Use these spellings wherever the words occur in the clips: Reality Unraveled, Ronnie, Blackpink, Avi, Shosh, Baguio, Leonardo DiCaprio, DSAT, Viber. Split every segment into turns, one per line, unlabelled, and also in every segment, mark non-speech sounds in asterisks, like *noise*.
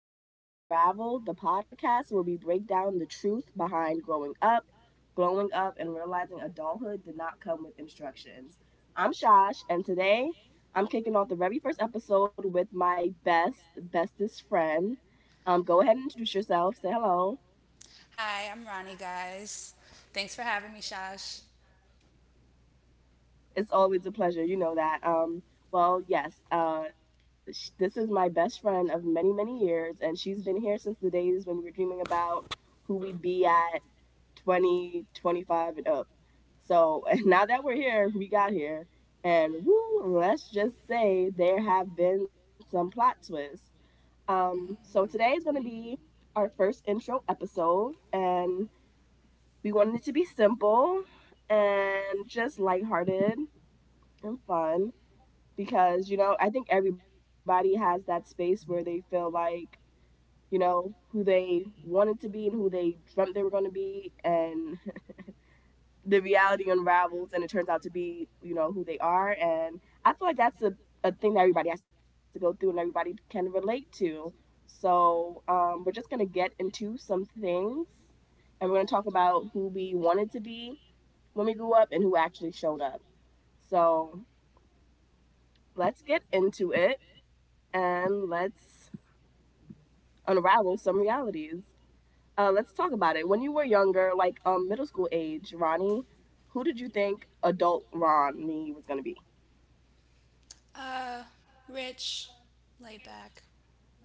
Reality Unraveled, the podcast where we break down the truth behind growing up, and realizing adulthood did not come with instructions. I'm Shosh, and today I'm kicking off the very first episode with my bestest friend. Go ahead and introduce yourself. Say hello.
Hi, I'm Ronnie, guys. Thanks for having me, Shash.
It's always a pleasure. You know that. Well, yes, this is my best friend of many, many years, and she's been here since the days when we were dreaming about who we'd be at 20, 25, and up. So *laughs* now that we're here, we got here, and woo, let's just say there have been some plot twists. So today is going to be our first intro episode, and we wanted it to be simple and just lighthearted and fun because, you know, I think everybody has that space where they feel like, you know, who they wanted to be and who they dreamt they were going to be, and *laughs* the reality unravels and it turns out to be, you know, who they are. And I feel like that's a thing that everybody has to go through and everybody can relate to. So we're just going to get into some things, and we're going to talk about who we wanted to be when we grew up and who actually showed up. So let's get into it, and let's unravel some realities. Let's talk about it. When you were younger, like, middle school age, Ronnie, who did you think adult Ronnie was gonna be?
Uh, Rich, laid back,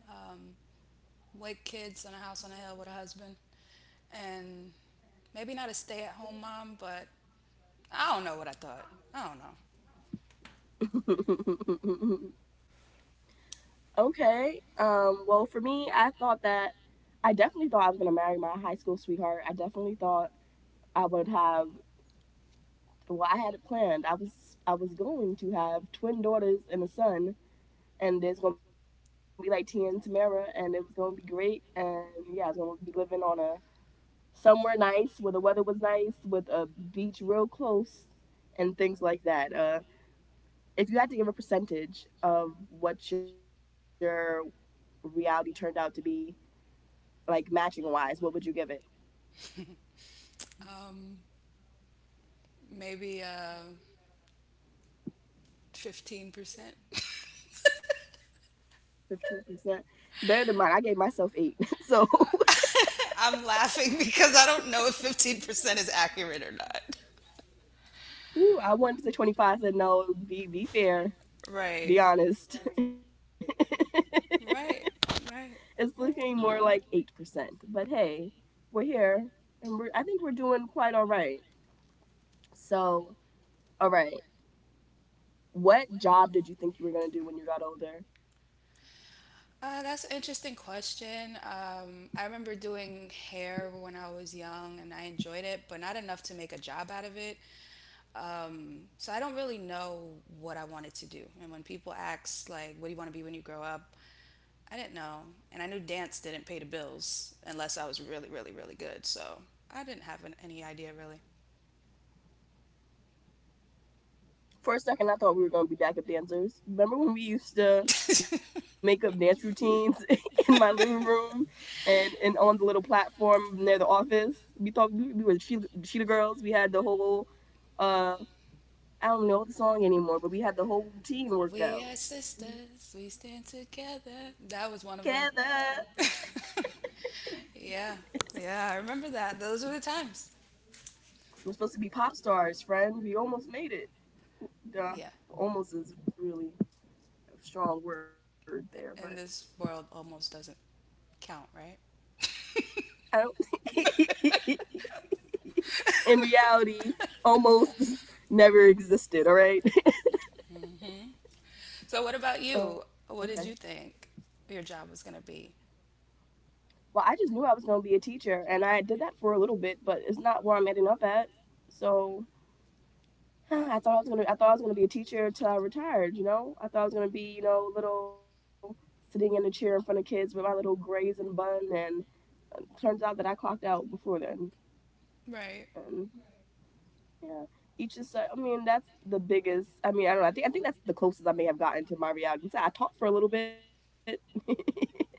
um, with kids in a house on a hill with a husband, and maybe not a stay-at-home mom, but I don't know what I thought. I don't know.
*laughs* Okay. Well, for me, I thought that I definitely thought I was gonna marry my high school sweetheart. I definitely thought I would have. Well, I had it planned. I was going to have twin daughters and a son, and there's gonna be like Tia and Tamara, and it was gonna be great. And yeah, I was gonna be living on a somewhere nice where the weather was nice with a beach real close and things like that. If you had to give a percentage of what your reality turned out to be, like matching wise, what would you give it?
Maybe 15%. *laughs*
15% better than mine. I gave myself 8. *laughs* So
I'm laughing because I don't know if 15% is accurate or not.
woo, I wanted to say 25. I said, no, be fair, be
Right.
honest.
Right.
*laughs* It's
Right.
looking more like 8%, but hey, we're here, and I think we're doing quite all right. So all right. What job did you think you were gonna do when you got older?
That's an interesting question. I remember doing hair when I was young and I enjoyed it, but not enough to make a job out of it. So I don't really know what I wanted to do. And when people ask, like, what do you want to be when you grow up? I didn't know. And I knew dance didn't pay the bills unless I was really, really, really good. So I didn't have any idea really.
For a second, I thought we were gonna be backup dancers. Remember when we used to make up
*laughs*
dance routines *laughs* in my living room and on the little platform near the office? We thought we were the cheetah girls. We had the whole uh I don't know the song anymore, but we had the whole routine worked
We
out.
are sisters, we stand together. That was one
Together,
of them. *laughs* yeah. Yeah, I remember that. Those were the times.
we're supposed to be pop stars, friend. We almost made it. Duh.
Yeah.
Almost is really a strong word there, but
And this world almost doesn't count, right?
I don't. *laughs* *laughs* In reality, almost *laughs* never existed, all right?
*laughs* So what about
*laughs*
you?
Okay.
What did you think your job was going to be?
Well, I just knew I was going to be a teacher, and I did that for a little bit, but it's not where I'm ending up at. So *sighs* I thought I was gonna be a teacher till I retired. You know, I thought I was gonna be, you know, little, sitting in a chair in front of kids with my little grays and bun, and it turns out that I clocked out before then.
Right.
And yeah, each is, so, I mean, that's the biggest. I mean, I don't know. I think that's the closest I may have gotten to my reality. So I taught for a little bit. *laughs*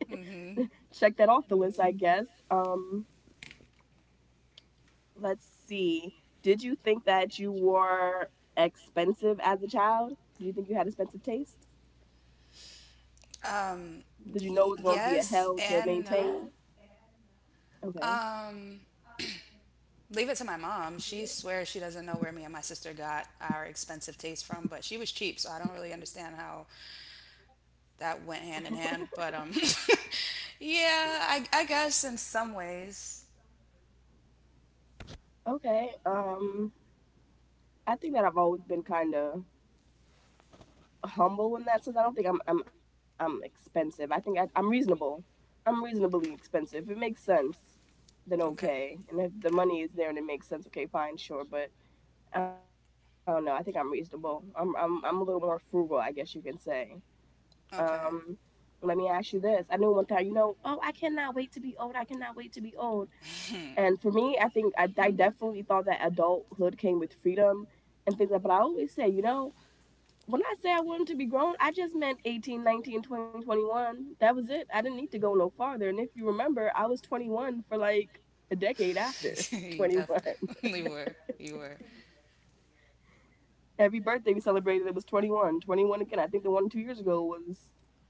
Mm-hmm.
Check that off the list, I guess. Let's see. Did you think that you were expensive as a child? Did you think you had expensive taste? Did you know it was going to be a hell to
Yes and
maintain?
no.
Okay.
Um, Leave it to my mom. She swears she doesn't know where me and my sister got our expensive taste from, but she was cheap, so I don't really understand how that went hand in hand. But *laughs* yeah, I guess in some ways.
Okay. I think that I've always been kind of humble in that sense. I don't think I'm expensive. I'm reasonable. I'm reasonably expensive. If it makes sense, then
Okay.
okay. And if the money is there and it makes sense, okay, fine, sure. But I don't know. I think I'm reasonable. I'm a little more frugal, I guess you can say.
Okay.
Um, let me ask you this. I knew one time, you know, oh, I cannot wait to be old. I cannot wait to be old. And for me, I definitely thought that adulthood came with freedom and things like. That. But I always say, you know, when I say I wanted to be grown, I just meant 18, 19, 20, 21. That was it. I didn't need to go no farther. And if you remember, I was 21 for like a decade
*laughs*
after *laughs*
You
21.
definitely were. You were.
Every birthday we celebrated, it was 21 21 again. I think the one 2 years ago was,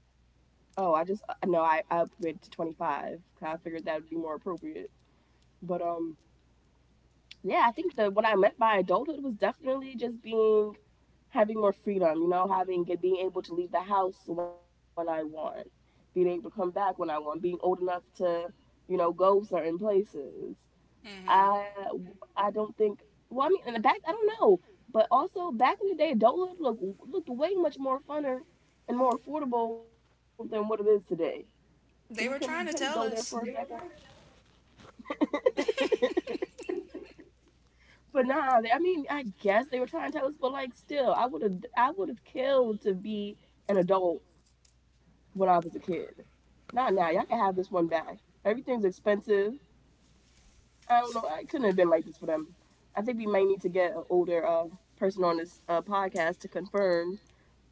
oh, I just no I, I upgraded to 25, 'cause I figured that would be more appropriate. But um, yeah, I think the what I meant by adulthood was definitely just being having more freedom, you know, having being able to leave the house when I want, being able to come back when I want, being old enough to, you know, go certain places.
Hmm.
I I don't think. Well, I mean, in the back, I don't know. But also, back in the day, adulthood looked way much more funner and more affordable than what it is today. Can we can we
They
can we
were
go
trying
there
to
for a
tell us.
second? *laughs* But nah, they- I mean, I guess they were trying to tell us, but like, still, I would have killed to be an adult when I was a kid. Not now. Y'all can have this one back. Everything's expensive. I don't know.
It's
I couldn't have
crazy.
been like this for them. I think we might need to get an older person on this podcast to confirm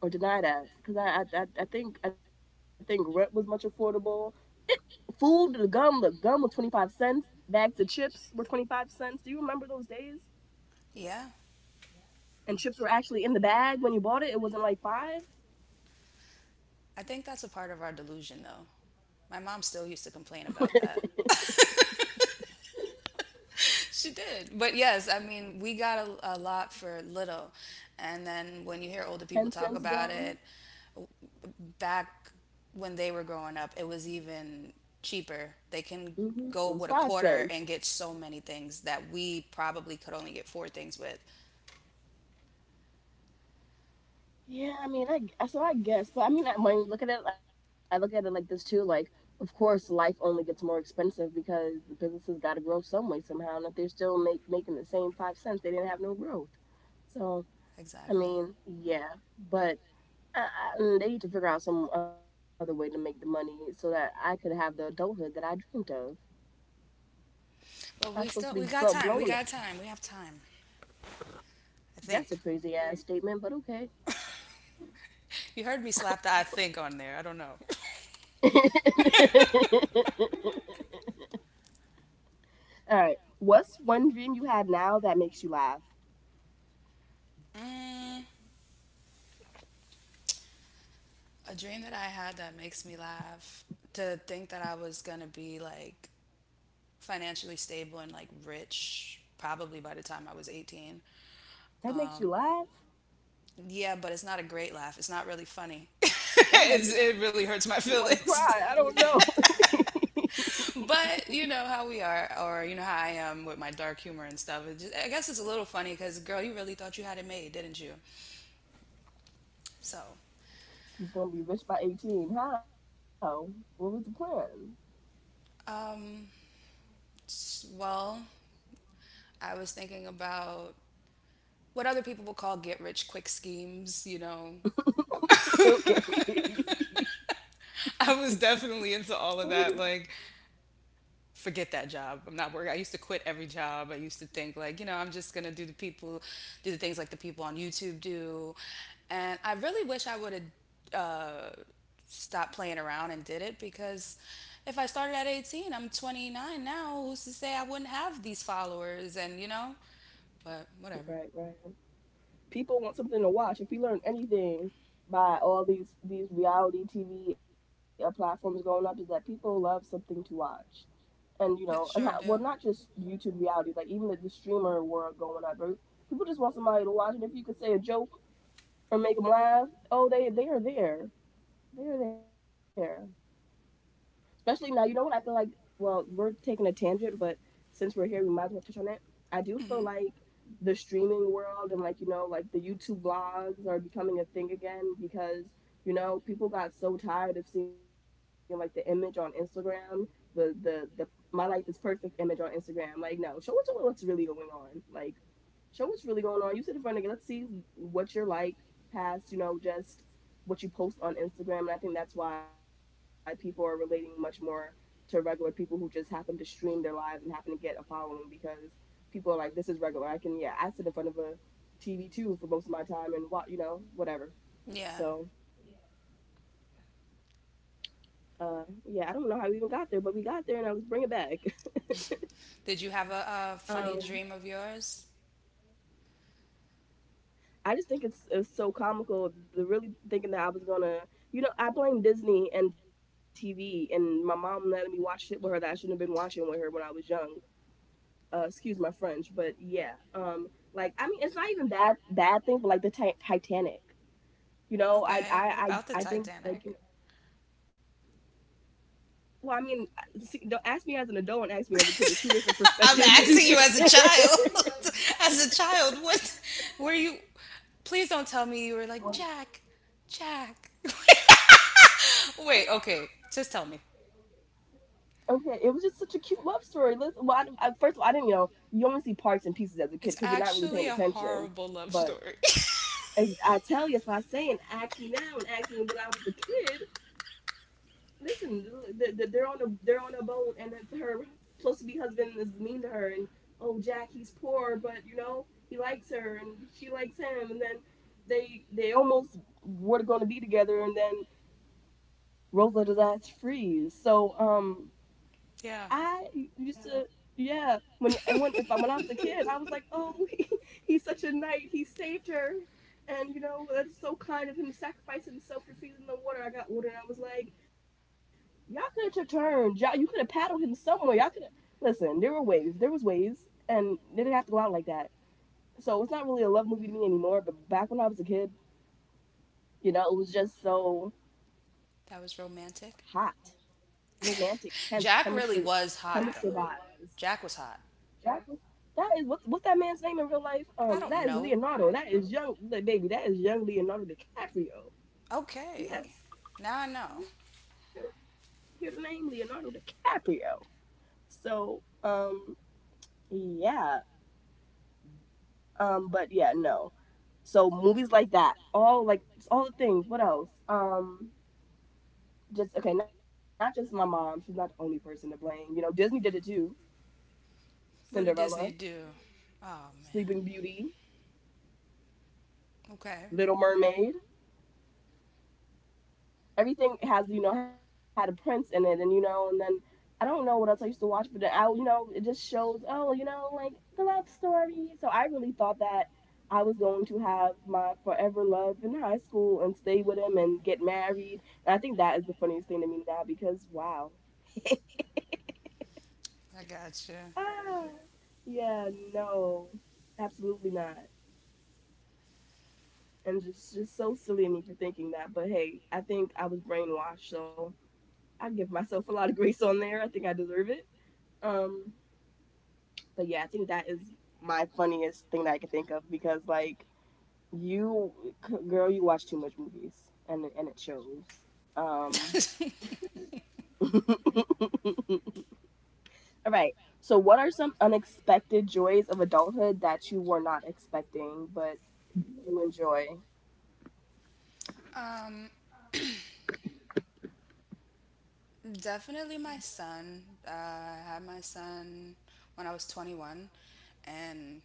or deny that because, I think rent was much affordable. Food, the gum was 25 cents. Bags of chips were 25 cents. Do you remember those days?
Yeah.
And chips were actually in the bag when you bought it. It wasn't like five,
I think that's a part of our delusion, though. My mom still used to complain about
*laughs*
that. She did. But yes, I mean, we got a lot for little. And then when you hear older
ten
people talk
cents
about
gum.
it, back when they were growing up, it was even cheaper. They
Hmm.
can
It was
go
five
with a
cents.
quarter and get so many things that we probably could only get four things with.
Yeah, I mean, so I guess, but I mean, I- when you look at it, I look at it like this too. Like, of course, life only gets more expensive because the businesses got to grow some way somehow, and if they're still making the same 5 cents, they didn't have no growth. So, I
Exactly.
mean, yeah, but they need to figure out some other way to make the money so that I could have the adulthood that I dreamed of.
But we
I'm
still
supposed
we
to be
got time. We got
blown.
time. We have time. I think.
That's a crazy ass statement, but okay.
You heard me slap the "I think" on there. I don't know.
*laughs* All right. What's one dream you had now that makes you laugh?
*laughs* mm, a dream that I had that makes me laugh. To think that I was going to be like financially stable and like rich probably by the time I was 18.
That makes you laugh?
Yeah, but it's not a great laugh. It's not really funny. *laughs* It really
That might
hurts my *laughs*
make me want to
feelings.
cry. I don't know. *laughs*
But you know how we are, or you know how I am with my dark humor and stuff. It just, I guess it's a little funny because, girl, you really thought you had it made, didn't you? So,
He's gonna be rich by 18. How? What was the plan?
well, I was thinking about what other people would call get rich quick schemes, you know.
*laughs* Okay. *laughs*
I was definitely
Oh,
into
yeah.
all of that. Like, forget that job. I'm not working. I used to quit every job. I used to think like, you know, I'm just gonna do the people, do the things like the people on YouTube do, and I really wish I would have uh, stopped playing around and did it because if I started at 18, I'm 29 now. Who's to say I wouldn't have these followers and you know? But whatever.
Right, right. People want something to watch. If we learn anything by all these reality TV platforms going up, is that people love something to watch. And you know, and how,
Yeah,
well,
sure
not
do.
just YouTube reality, like even the streamer world going up. Right? People just want somebody to watch, and if you could say a joke or make them laugh, oh, they are there, they are there. Especially now, you know what I feel like? Well, we're taking a tangent, but since we're here, we might as well touch on it. I do feel like the streaming world and, like, you know, like the YouTube vlogs are becoming a thing again because, you know, people got so tired of seeing, like, the image on Instagram, the my life is perfect image on Instagram. Like, no, show us what's really going on. Like, show what's really going on. You sit in front of it. Let's see what you're like past, you know, just what you post on Instagram. And I think that's why people are relating much more to regular people who just happen to stream their lives and happen to get a following because people are like, this is regular. I can, yeah, I sit in front of a TV too for most of my time and what, you know, whatever.
Yeah.
So, yeah, I don't know how we even got there, but we got there, and now let's bring it back.
Did you have
*laughs*
a
Um,
funny dream of yours?
I just think it's so comical. The really thinking that I was gonna, I blame Disney and TV, and my mom letting me watch shit with her that I shouldn't have been watching with her when I was young. Excuse my French, but yeah, I mean, it's not even bad bad things, but like the Titanic, you know, I
Okay,
I
what
I,
about the
I think
Titanic?
well, I mean, see, don't ask me as an adult and ask me as a kid. There's two different perspectives. *laughs* *laughs*
I'm
*laughs*
asking you as a child. *laughs* As a child, what were you? Please don't tell me you were like
Well,
Jack, Jack. *laughs* Wait, okay, just tell me.
okay, it was just such a cute love story. Listen, well, first of all, I didn't, you only see parts and pieces as a
It's
kid because you're not really
actually a
paying attention.
horrible love story.
But as I tell you, that's what I say, and ask me now, and ask me when I was a kid. Listen, they're on a boat, and that her supposed to be husband is mean to her, and oh Jack, he's poor, but you know he likes her, and she likes him, and then they almost were going to be together, and then Rosa does ask freeze. So
*laughs* yeah,
I used to, yeah. When and when if I, when I was a kid, I was like, oh, *laughs* he, he's such a knight. He saved her, and you know that's so kind of him to sacrifice himself to feed in the water. I got water, and I was like, y'all could have took turns. Y'all, you could have paddled him somewhere. Y'all could have. Listen, there were ways. There was ways, and they didn't have to go out like that. So it's not really a love movie to me anymore. But back when I was a kid, you know, it was just so
that was
hot,
romantic.
romantic, tense chemistry,
Jack really was
chemistry
hot though.
vibes.
Jack was hot.
That was that is what's that man's name in real life?
I
That
don't
is
know.
Leonardo. That is young baby. That is young Leonardo DiCaprio.
Okay,
Yes,
now I know.
you hear the name Leonardo DiCaprio. So um, yeah, no. So movies like that, all like all the things. What else? Just okay, not just my mom. She's not the only person to blame. You know, Disney did it too.
What did
Cinderella,
Disney do? Oh
Sleeping
man.
Beauty,
Okay,
Little Mermaid. Everything has, you know, had a prince in it, and you know, and then I don't know what else I used to watch, but then I, you know, it just shows, oh, you know, like the love story. So I really thought that I was going to have my forever love in high school and stay with him and get married, and I think that is the funniest thing to me now because wow.
I gotcha.
ah yeah, no, absolutely not. And just so silly of me for thinking that, but hey, I think I was brainwashed, so I give myself a lot of grace on there. I think I deserve it. um But yeah, I think that is my funniest thing that I could think of because like you, girl, you watch too much movies, and it shows. Um, *laughs* all right. So, what are some unexpected joys of adulthood that you were not expecting but you enjoy?
*laughs* um, Definitely my son. I had my son when I was 21, and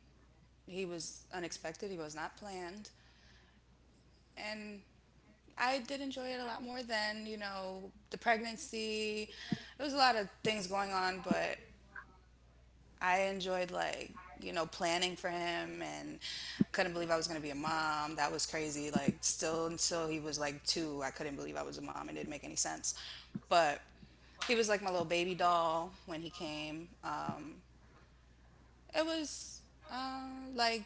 he was unexpected. He was not planned. And I did enjoy it a lot more than, you know, the pregnancy. There was a lot of things going on, but I enjoyed, like, you know, planning for him and couldn't believe I was going to be a mom. That was crazy. Like, still until he was like two, I couldn't believe I was a mom. It didn't make any sense. But he was like my little baby doll when he came. It was uh, like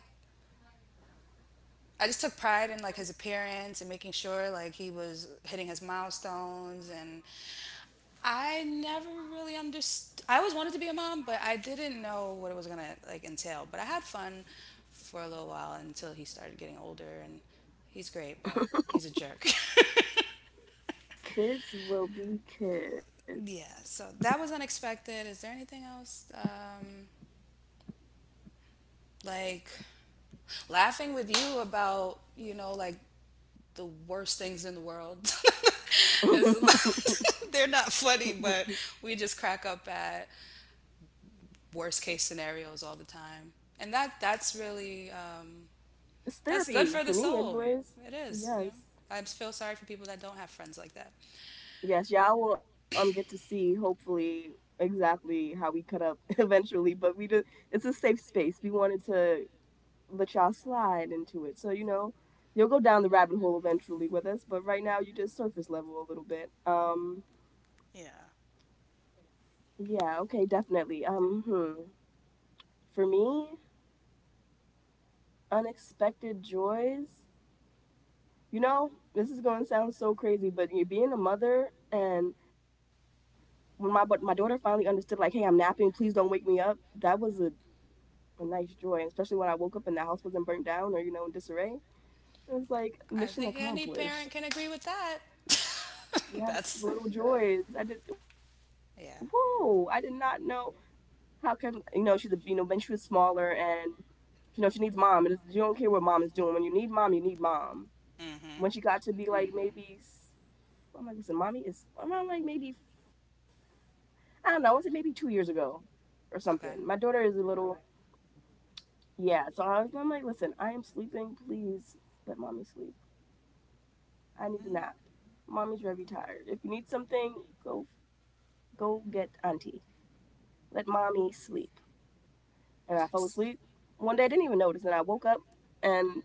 I just took pride in like his appearance and making sure like he was hitting his milestones and I never really understood. I always wanted to be a mom, but I didn't know what it was gonna like entail. But I had fun for a little while until he started getting older, and he's great, but he's a jerk.
Kids will be
*laughs*
kids.
yeah. So that was unexpected. Is there anything else? Like laughing with you about you know like the worst things in the world. *laughs*
*laughs*
It's- *laughs* They're not funny, but we just crack up at worst case scenarios all the time, and that that's really um,
It's
that's good
therapy
for
for
the
me,
soul.
anyways.
It is, you know.
Yes.
I feel sorry for people that don't have friends like that.
Yes, y'all will get to see hopefully exactly how we cut up *laughs* eventually, but we just, it's a safe space. We wanted to let y'all slide into it. So, you know, you'll go down the rabbit hole eventually with us, but right now you just surface level a little bit.
Yeah.
Yeah, okay, definitely. Um hmm. For me, unexpected joys. You know, this is going to sound so crazy, but you being a mother, and when my daughter finally understood like, "Hey, I'm napping. Please don't wake me up." That was a nice joy, especially when I woke up and the house wasn't burnt down or you know in disarray. It was
I
like
think any
mission
parent can agree
accomplished.
with that. *laughs* That's
Yes, little joys. I did.
yeah.
Whoa! I did not know how come, you know, she's a, you know, when she was smaller, and you know she needs mom and you don't care what mom is doing. When you need mom, you need mom. When she got to be like maybe, I'm like, listen, mommy is around like maybe, I don't know. I want to, maybe 2 years ago or
Okay.
something. My daughter is a little. Yeah, so I'm like, listen, I am sleeping. Please let mommy sleep. I need a nap. Mommy's very tired. If you need something, go get auntie. Let mommy sleep. And I fell asleep. One day I didn't even notice, and I woke up, and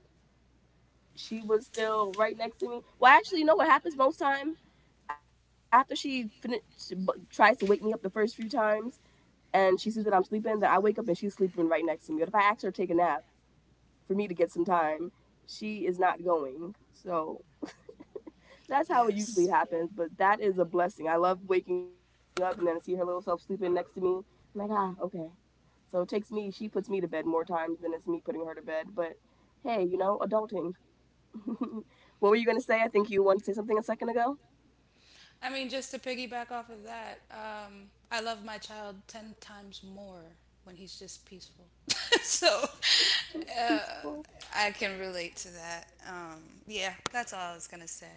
she was still right next to me. Well, actually, you know what happens most time after she finish, tries to wake me up the first few times, and she sees that I'm sleeping, that I wake up and she's sleeping right next to me. But if I ask her to take a nap for me to get some time, she is not going. So that's how it usually
Yes.
happens. But that is a blessing. I love waking up and then I see her little self sleeping next to me. I'm like, ah, okay. So it takes me, she puts me to bed more times than it's me putting her to bed. But hey, you know, adulting. *laughs* What were you going to say? I think you wanted to say something a second ago.
I mean, just to piggyback off of that, I love my child 10 times more when he's just peaceful. *laughs* So
Just peaceful.
I can relate to that. Yeah, that's all I was going to say.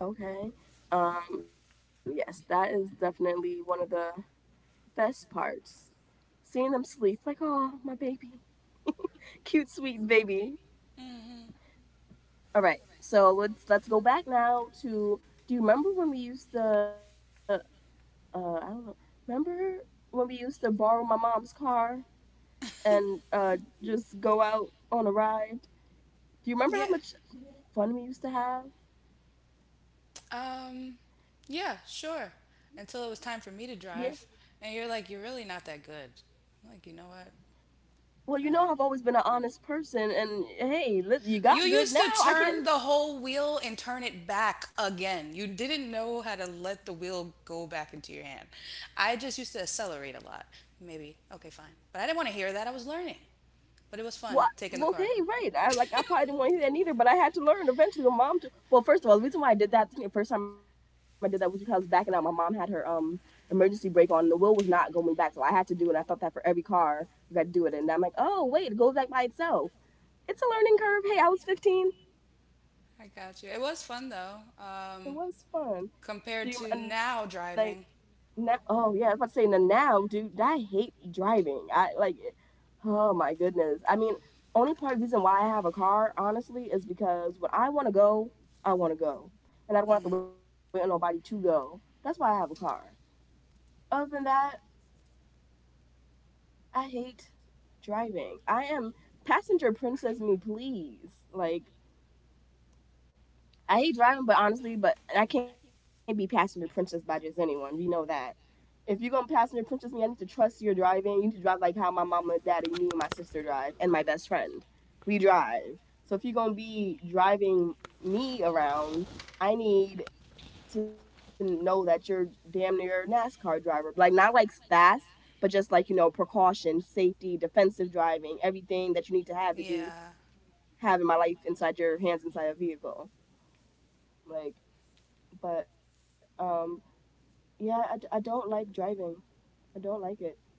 Okay. Yes, that is definitely one of the best parts. Seeing them sleep, like, oh, my baby. Cute, sweet baby.
Hmm.
All right. So let's go back now to. Do you remember when we used to? I don't know. Remember when we used to borrow my mom's car and
*laughs*
just go out on a ride? Do you remember how
Yeah.
much fun we used to have?
Um, yeah, sure. Until it was time for me
Yeah.
to drive. And you're like, you're really not that good. I'm like, you know what?
Well, you know
All
I've
right.
always been an honest person, and hey, you got
You
good
used
now.
to
I can't.
turn the whole wheel and turn it back again. You didn't know how to let the wheel go back into your hand. I just used to accelerate a lot. Maybe. Okay, fine. But I didn't want to hear that. I was learning. But it was fun taking the
Okay,
car.
right. I probably didn't want to hear that neither, but I had to learn eventually. My mom. Well, first of all, the reason why I did that the first time I did that was because
*laughs*
I was backing out. My mom had her emergency brake on. The wheel was not going back, so I had to do it. I thought that for every car you had to do it, and I'm like, oh wait, it goes back by itself. It's a learning curve. Hey, I was 15.
I got you. It was fun though,
It was fun.
compared
Do you
to
and like,
now driving.
now, oh yeah, I was about to say now, dude, I hate driving. I like, oh my goodness. I mean, only part of the reason why I have a car, honestly, is because when I want to go, I want to go, and I don't have to wait on nobody to go. That's why I have a car. Other than that, I hate driving. I am passenger princess, me please. Like, I hate driving, but honestly, but I can't be passenger princess by just anyone. We know that. If you're gonna passenger princess me, I need to trust your driving. You need to drive like how my mama, daddy, me, and my sister drive, and my best friend. We drive. So if you're gonna be driving me around, I need to know that you're damn near a NASCAR driver. Like not like fast, but just like you know precaution, safety, defensive driving, everything that you need to have
Yeah,
to be having my life inside your hands inside a vehicle. Like, but yeah, I don't like driving. I don't like it.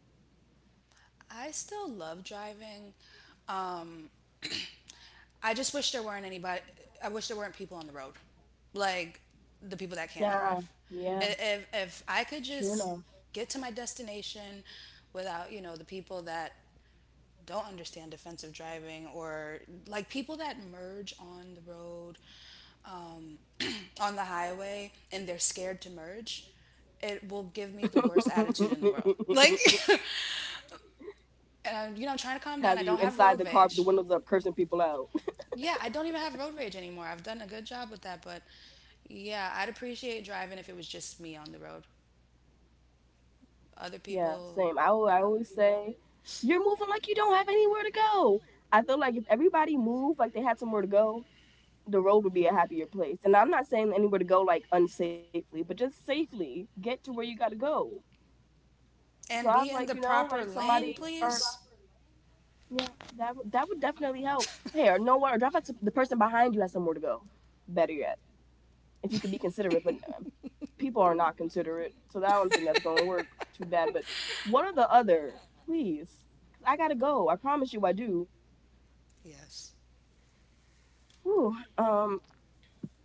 I still love driving. Um, I just wish there weren't anybody. I wish there weren't people on the road, like the people that can't drive.
Yeah, yeah,
If I could
true
just
enough.
get to my destination without you know the people that don't understand defensive driving or like people that merge on the road, um, *clears throat* on the highway, and they're scared to merge. It will give me the worst attitude in the world. Like,
*laughs*
*laughs* and I'm, you know, I'm trying to calm down. I don't
Have
have
you
road
inside the
rage.
car with the windows up, cursing people out?
Yeah,
*laughs*
I don't even have road rage anymore. I've done a good job with that, but yeah, I'd appreciate driving if it was just me on the road. Other
Yeah,
people,
same.
you
I
know.
always say, you're moving like you don't have anywhere to go. I feel like if everybody moved like they had somewhere to go, the road would be a happier place. And I'm not saying anywhere to go like unsafely, but just safely get to where you gotta go.
And
Drive
be in
like
the
you know,
proper
like
lane,
somebody or,
please?
yeah, that would definitely help. Hey, or nowhere, or drop out to the person behind you has somewhere to go. Better yet, if you could be considerate, but people are not considerate, so that I don't think that's going to work. Too bad, but *laughs* one or the other, please. 'Cause I gotta go. I promise you, I do.
Yes.
Whew.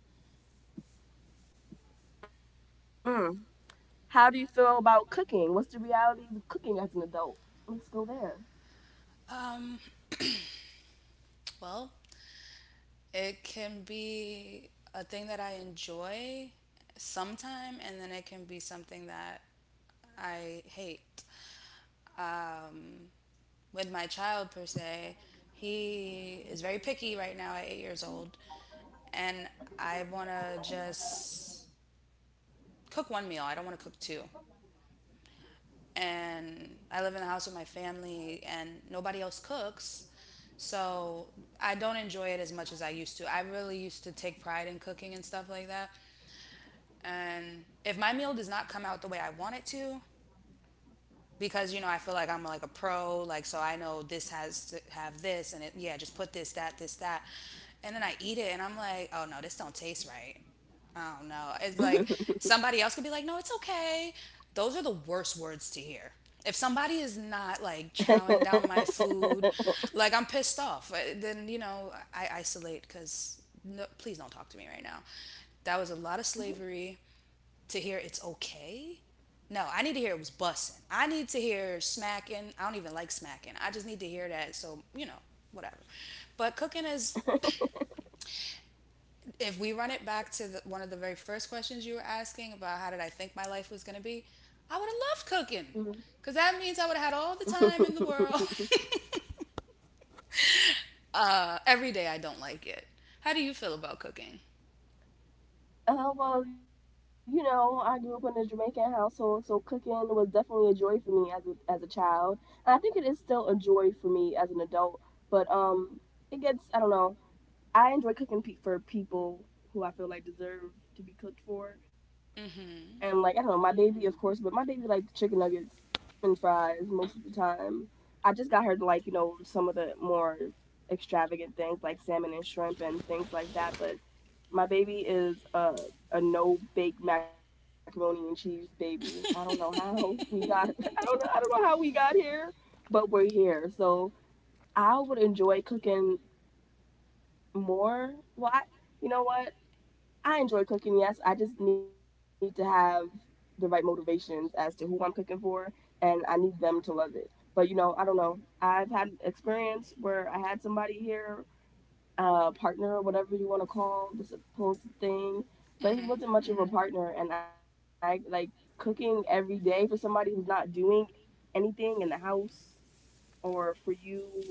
mm. How do you feel about cooking? What's the realities of cooking as an adult? Let's go there.
Um, well, it can be a thing that I enjoy sometime, and then it can be something that I hate. Um, with my child, per se, he is very picky right now at 8 years old, and I want to just cook one meal. I don't want to cook two. And I live in the house with my family and nobody else cooks. So I don't enjoy it as much as I used to. I really used to take pride in cooking and stuff like that. And if my meal does not come out the way I want it to, because you know I feel like I'm like a pro, like so I know this has to have this and it yeah, just put this, that, this, that. And then I eat it and I'm like, oh no, this don't taste right. I don't know. It's like somebody else could be like, no, it's okay. Those are the worst words to hear. If somebody is not like chowing down my food,
*laughs*
like I'm pissed off, then, I isolate because no, please don't talk to me right now. That was a lot of slavery to hear "it's okay." No, I need to hear it was bussing. I need to hear smacking. I don't even like smacking. I just need to hear that. So, you know, whatever. But cooking is if we run it back to one of the very first questions you were asking about how did I think my life was going to be, I would have loved cooking
Mhm.
because that means I would have had all the time in the world.
*laughs*
*laughs* Every day I don't like it. How do you feel about cooking?
Well, you know, I grew up in a Jamaican household, so cooking was definitely a joy for me as a child. And I think it is still a joy for me as an adult, but it gets I don't know. I enjoy cooking for people who I feel like deserve to be cooked for. And
Mm-hmm.
like I don't know, my baby, of course, but my baby likes chicken nuggets and fries most of the time. I just got her to like, you know, some of the more extravagant things like salmon and shrimp and things like that, but my baby is a no bake macaroni and cheese baby. I don't know how we got. *laughs* I don't know. I don't know how we got here, but we're here. So I would enjoy cooking more. Well, I, you know what? I enjoy cooking. Yes, I just need to have the right motivations as to who I'm cooking for, and I need them to love it. But you know, I don't know. I've had experience where I had somebody here, partner, or whatever you want to call the supposed thing, but he
Hmm.
wasn't much of a Mm. partner, and I like cooking every day for somebody who's not doing anything in the house or for you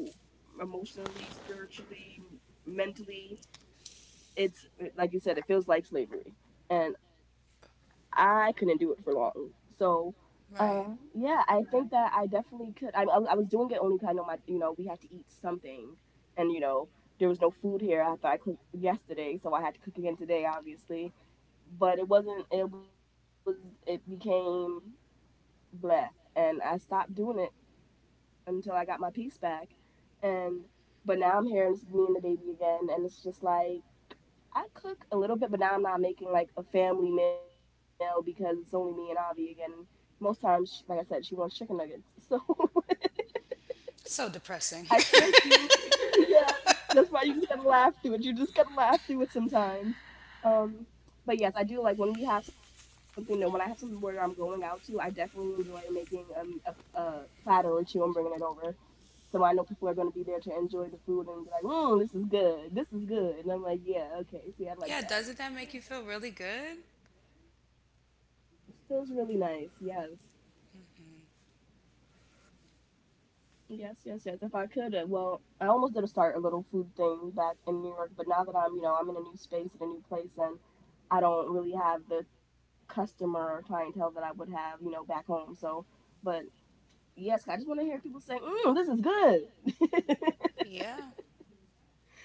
emotionally, spiritually, mentally it's like you said, it feels like slavery, and I couldn't do it for long. So,
Right.
yeah, I think that I definitely could. I was doing it only because I know my, you know, we had to eat something, and you know, there was no food here after I cooked yesterday, so I had to cook again today, obviously. But it wasn't. It was. It became bleh, and I stopped doing it until I got my peace back, and but now I'm here and it's me and the baby again, and it's just like I cook a little bit, but now I'm not making like a family meal because it's only me and Avi again. Most times, like I said, she wants chicken nuggets, so
So
*laughs* I
depressing.
still do. *laughs* Yeah, that's why you just gotta laugh through it. You just gotta laugh through it sometimes. Um, but yes, I do like when we have something that when I have something where I'm going out to, I definitely enjoy making a platter or two and bringing it over. So I know people are going to be there to enjoy the food and be like, mm, this is good, this is good. And I'm like, yeah, okay,
*laughs*
see, I
Yeah,
like that.
doesn't that make you feel really good?
Feels really nice. Yes. Yes, yes, yes. If I could, well, I almost did a start a little food thing back in New York, but now that I'm, you know, I'm in a new space and a new place, and I don't really have the customer or clientele that I would have, you know, back home. So, but yes, I just want to hear people say, mm, "This is good,"
Yeah.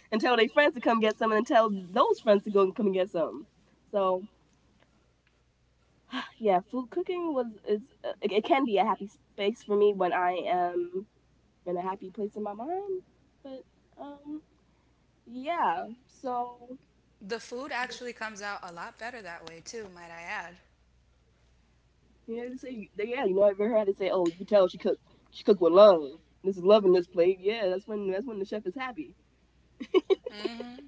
*laughs* and tell their friends to come get some, and then tell those friends to go and come and get some. So, *sighs* yeah, food cooking was is it can be a happy space for me when I am in a happy place in my mind. But um, yeah. So
The food actually comes out a lot better that way, too, might I add.
you know, they say they, yeah, you know, I ever heard they say, oh, you can tell she cooked with love. This is love in this plate. Yeah, that's when the chef is happy.
Mm-hmm.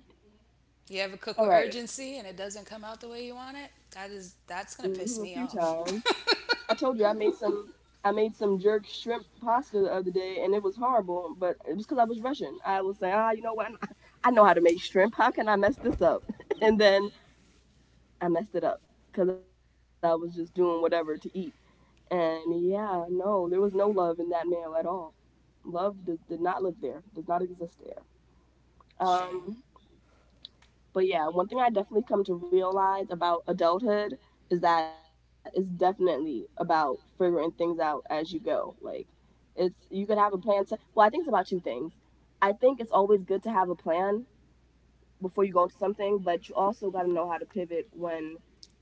You ever cook with
All right.
urgency and it doesn't come out the way you want it? That is that's going to
Mm-hmm, a
piss
few
me off.
times. I told you I made some. I made some jerk shrimp pasta the other day, and it was horrible. But it was because I was rushing. I was saying, ah, you know what? *laughs* I know how to make shrimp. How can I mess this up? *laughs* and then I messed it up because I was just doing whatever to eat. And yeah, no, there was no love in that male at all. Love does, did not live there, does not exist there.
Shame.
Um, but yeah, one thing I definitely come to realize about adulthood is that it's definitely about figuring things out as you go. Like, it's you could have a plan to, well, I think it's about two things. I think it's always good to have a plan before you go into something, but you also got to know how to pivot when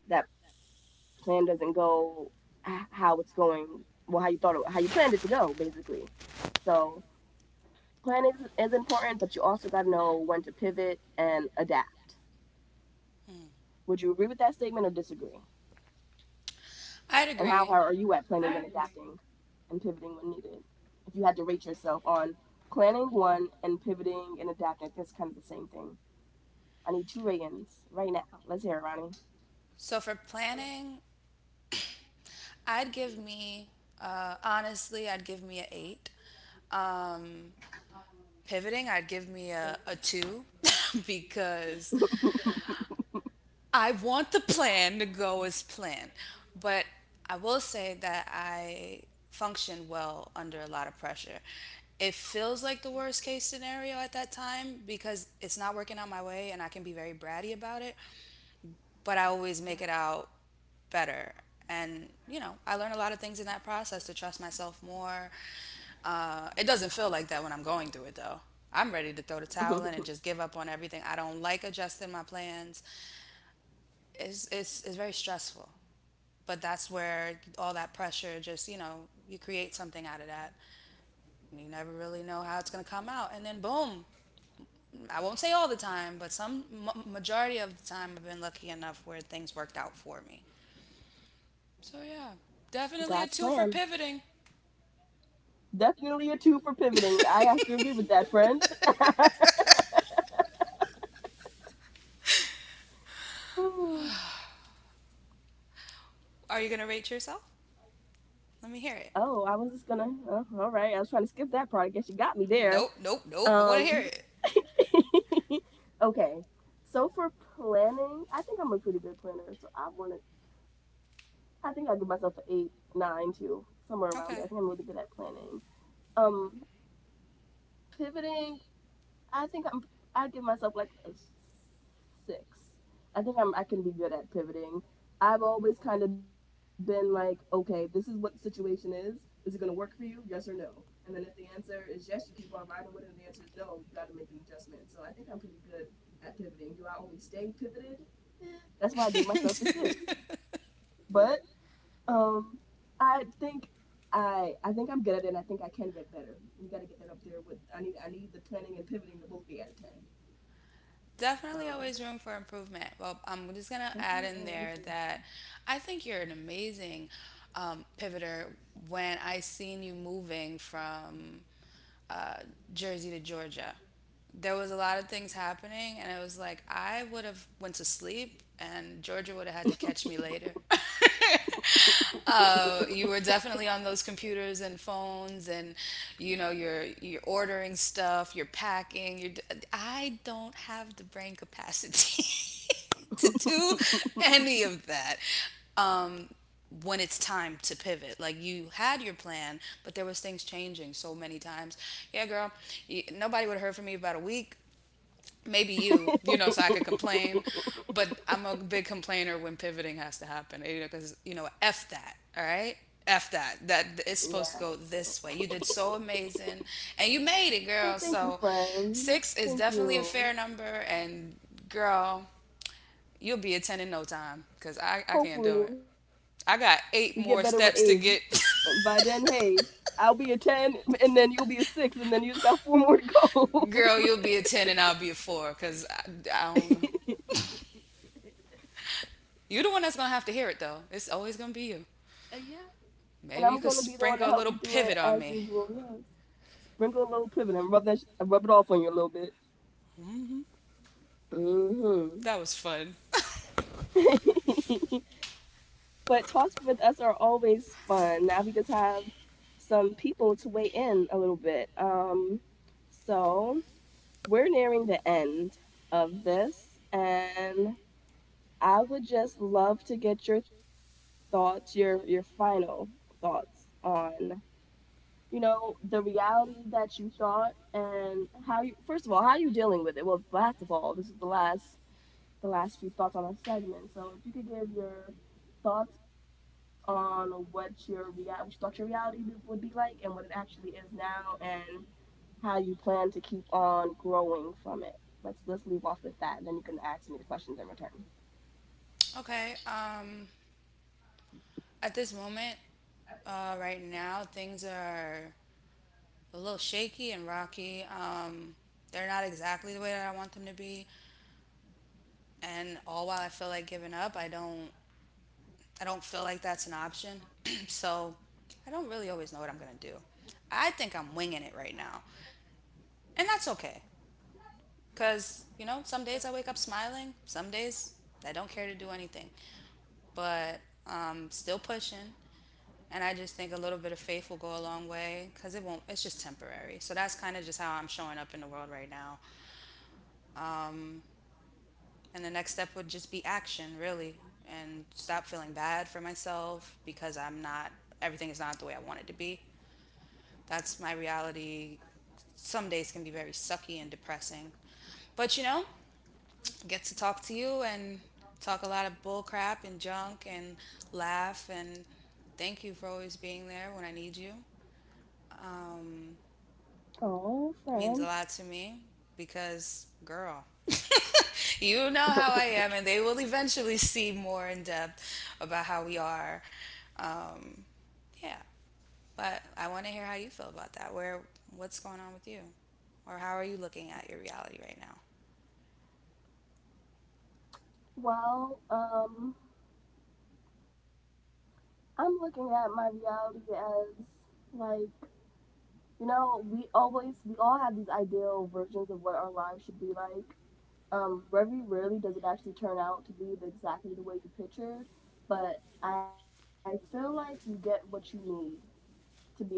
that plan doesn't go how it's going, well, how you thought, it, how you planned it to go, basically. So planning is important, but you also got to know when to pivot and adapt. Would you agree with that statement or disagree? And
I'd
how hard are
agree.
you at planning and adapting and pivoting when needed? If you had to rate yourself on planning one and pivoting and adapting, I think it's kind of the same thing. I need two ratings right now. Let's hear it,
So for planning, I'd give me, honestly, I'd give me a eight. Um, Pivoting, I'd give me a two *laughs* because
Ronnie. *laughs*
I want the plan to go as planned. But I will say that I function well under a lot of pressure. It feels like the worst case scenario at that time because it's not working out my way and I can be very bratty about it, but I always make it out better. And, you know, I learned a lot of things in that process to trust myself more. It doesn't feel like that when I'm going through it, though. I'm ready to throw the towel in and just
*laughs*
give up on everything. I don't like adjusting my plans. It's very stressful. But that's where all that pressure just, you know, you create something out of that. And you never really know how it's going to come out. And then, boom, I won't say all the time, but some majority of the time, I've been lucky enough where things worked out for me. So, yeah,
God's
definitely a two
plan.
for pivoting.
Definitely a two for pivoting. I have to agree with that, friend. *laughs* oh,
Are you gonna rate yourself? Let me hear it.
I was just gonna. Oh, all right, I was trying to skip that part. I guess you got me
Nope,
there.
nope, nope. I want to hear it.
Um. *laughs* Okay. So for planning, I think I'm a pretty good planner. So I want to. I think I give myself an eight, nine, too, somewhere around there. I
Okay.
think I'm really good at planning. Um, pivoting. I think I'm. I give myself like six. I think I'm. I can be good at pivoting. I've always kind of been like, okay, this is what the situation is. Is it going to work for you? Yes or no. And then if the answer is yes, you keep on riding with it. And the answer is no, you got to make an adjustment. So I think I'm pretty good at pivoting. Do I always stay pivoted? That's why I gave myself the six. But um, I think I think I'm good at it. And I think I can get better. We got to get that up there. With I need the planning and pivoting to both be at a ten.
*laughs* Definitely always room for
Um,
improvement. Well, I'm just going to add in there
definitely
that
always you.
I think you're an amazing pivoter when I seen you moving from uh, Jersey to Georgia. There was a lot of things happening, and it was like I would have went to sleep, and Georgia would have had to catch me later. Know, you were definitely on those computers and phones, and you know, you're ordering stuff, you're packing. I don't have the brain capacity *laughs* to do any of that. Um, when it's time to pivot, like, you had your plan but there was things changing so many times, yeah girl, you, nobody would have heard from me about a week maybe, you know, so I could complain. But I'm a big complainer when pivoting has to happen, you know, because, you know, F that, all right? F that. That it's
*laughs*
supposed to go
yeah.
this way. You did so amazing and you made it, girl.
Well,
So
thank you,
six is
friend.
definitely a
Thank
fair number.
you.
And, girl, you'll be a 10 in no time because I can't do it.
Hopefully,
I got eight
we get
more
better with
steps to
age,
get. *laughs*
and by then, hey, I'll be a ten, and then you'll be a six, and then you just got four more to
Girl, you'll
go.
be a
*laughs*
10 and I'll be a four because I don't know. You're the one that's going to have to hear it, though. It's always going to be you.
And yeah. And
Maybe you
I'm
could
gonna be the one
sprinkle a
to
little
help you through
pivot
it
on me.
as usual. Yes. Sprinkle a little pivot and rub rub it off on you a little bit.
That was fun.
Hmm.
*laughs*
*laughs* But talks with us are always fun. Now we just have some people to weigh in a little bit. So we're nearing the end of this, and I would just love to get your thoughts, your final thoughts on you know the reality that you thought and how you first of all how you dealing with it well last of all this is the last few thoughts on our segment. So if you could give your thoughts on what your what you thought your reality would be like and what it actually is now and how you plan to keep on growing from it. Let's leave off with that and then you can ask me the questions in return.
Okay, at this moment, right now, things are a little shaky and rocky. They're not exactly the way that I want them to be, and all while I feel like giving up, I don't feel like that's an option. *clears throat* So, I don't really always know what I'm gonna do. I think I'm winging it right now, and that's okay, cause you know, some days I wake up smiling, some days I don't care to do anything. But still pushing. And I just think a little bit of faith will go a long way because it won't, it's just temporary. So that's kind of just how I'm showing up in the world right now. And the next step would just be action, really, and stop feeling bad for myself because I'm not, everything is not the way I want it to be. That's my reality. Some days can be very sucky and depressing. But you know, I get to talk to you and talk a lot of bull crap and junk and laugh and thank you for always being there when I need you. um,
Oh, friend.
Means a lot to me because, girl, *laughs* you know how I am, and they will eventually see more in depth about how we are. Um, yeah, but I want to hear how you feel about that. Where, what's going on with you, or how are you looking at your reality right now?
Well, I'm looking at my reality as like you know, we all have these ideal versions of what our lives should be like very rarely does it actually turn out to be exactly the way you pictured, but I feel like you get what you need to be a,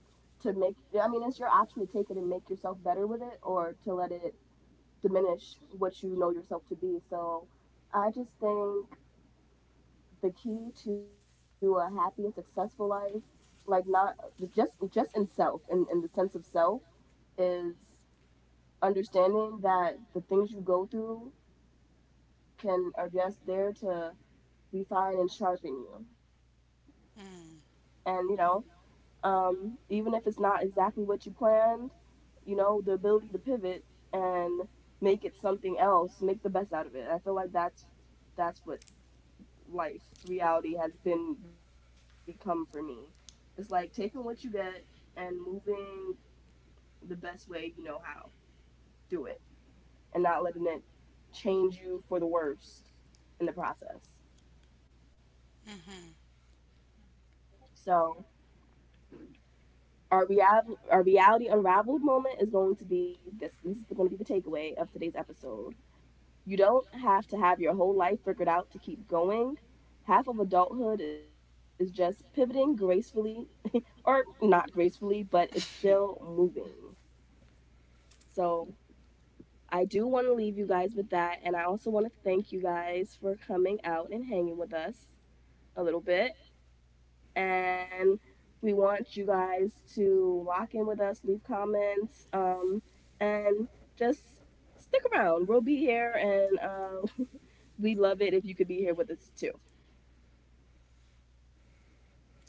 to make. I mean, it's your option to take it and make yourself better with it, or to let it diminish what you know yourself to be. So, I just think the key to a happy and successful life, like not just in self, in the sense of self, is understanding that the things you go through can are just there to refine and sharpen you.
Mm.
And you know, even if it's not exactly what you planned, you know, the ability to pivot and make it something else, make the best out of it. I feel like that's what life reality has been become for me. It's like taking what you get and moving the best way you know how. Do it and not letting it change you for the worst in the process.
Mm-hmm.
So our real our reality unraveled moment is going to be this this is going to be the takeaway of today's episode. You don't have to have your whole life figured out to keep going. Half of adulthood is just pivoting gracefully or not gracefully
*laughs*
but it's still moving. So I do want to leave you guys with that, and I also want to thank you guys for coming out and hanging with us a little bit. And we want you guys to lock in with us, leave comments, and just stick around. We'll be here, and *laughs* we love it if you could be here with us too.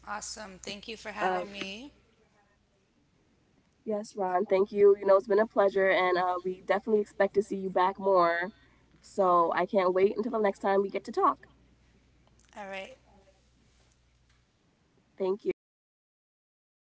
Awesome.
Uh,
Thank you for having me.
yes, Ron, thank you. You know, it's been a pleasure, and we definitely expect to see you back more. So I can't wait until the next time we get to talk.
All right.
Thank you. All right.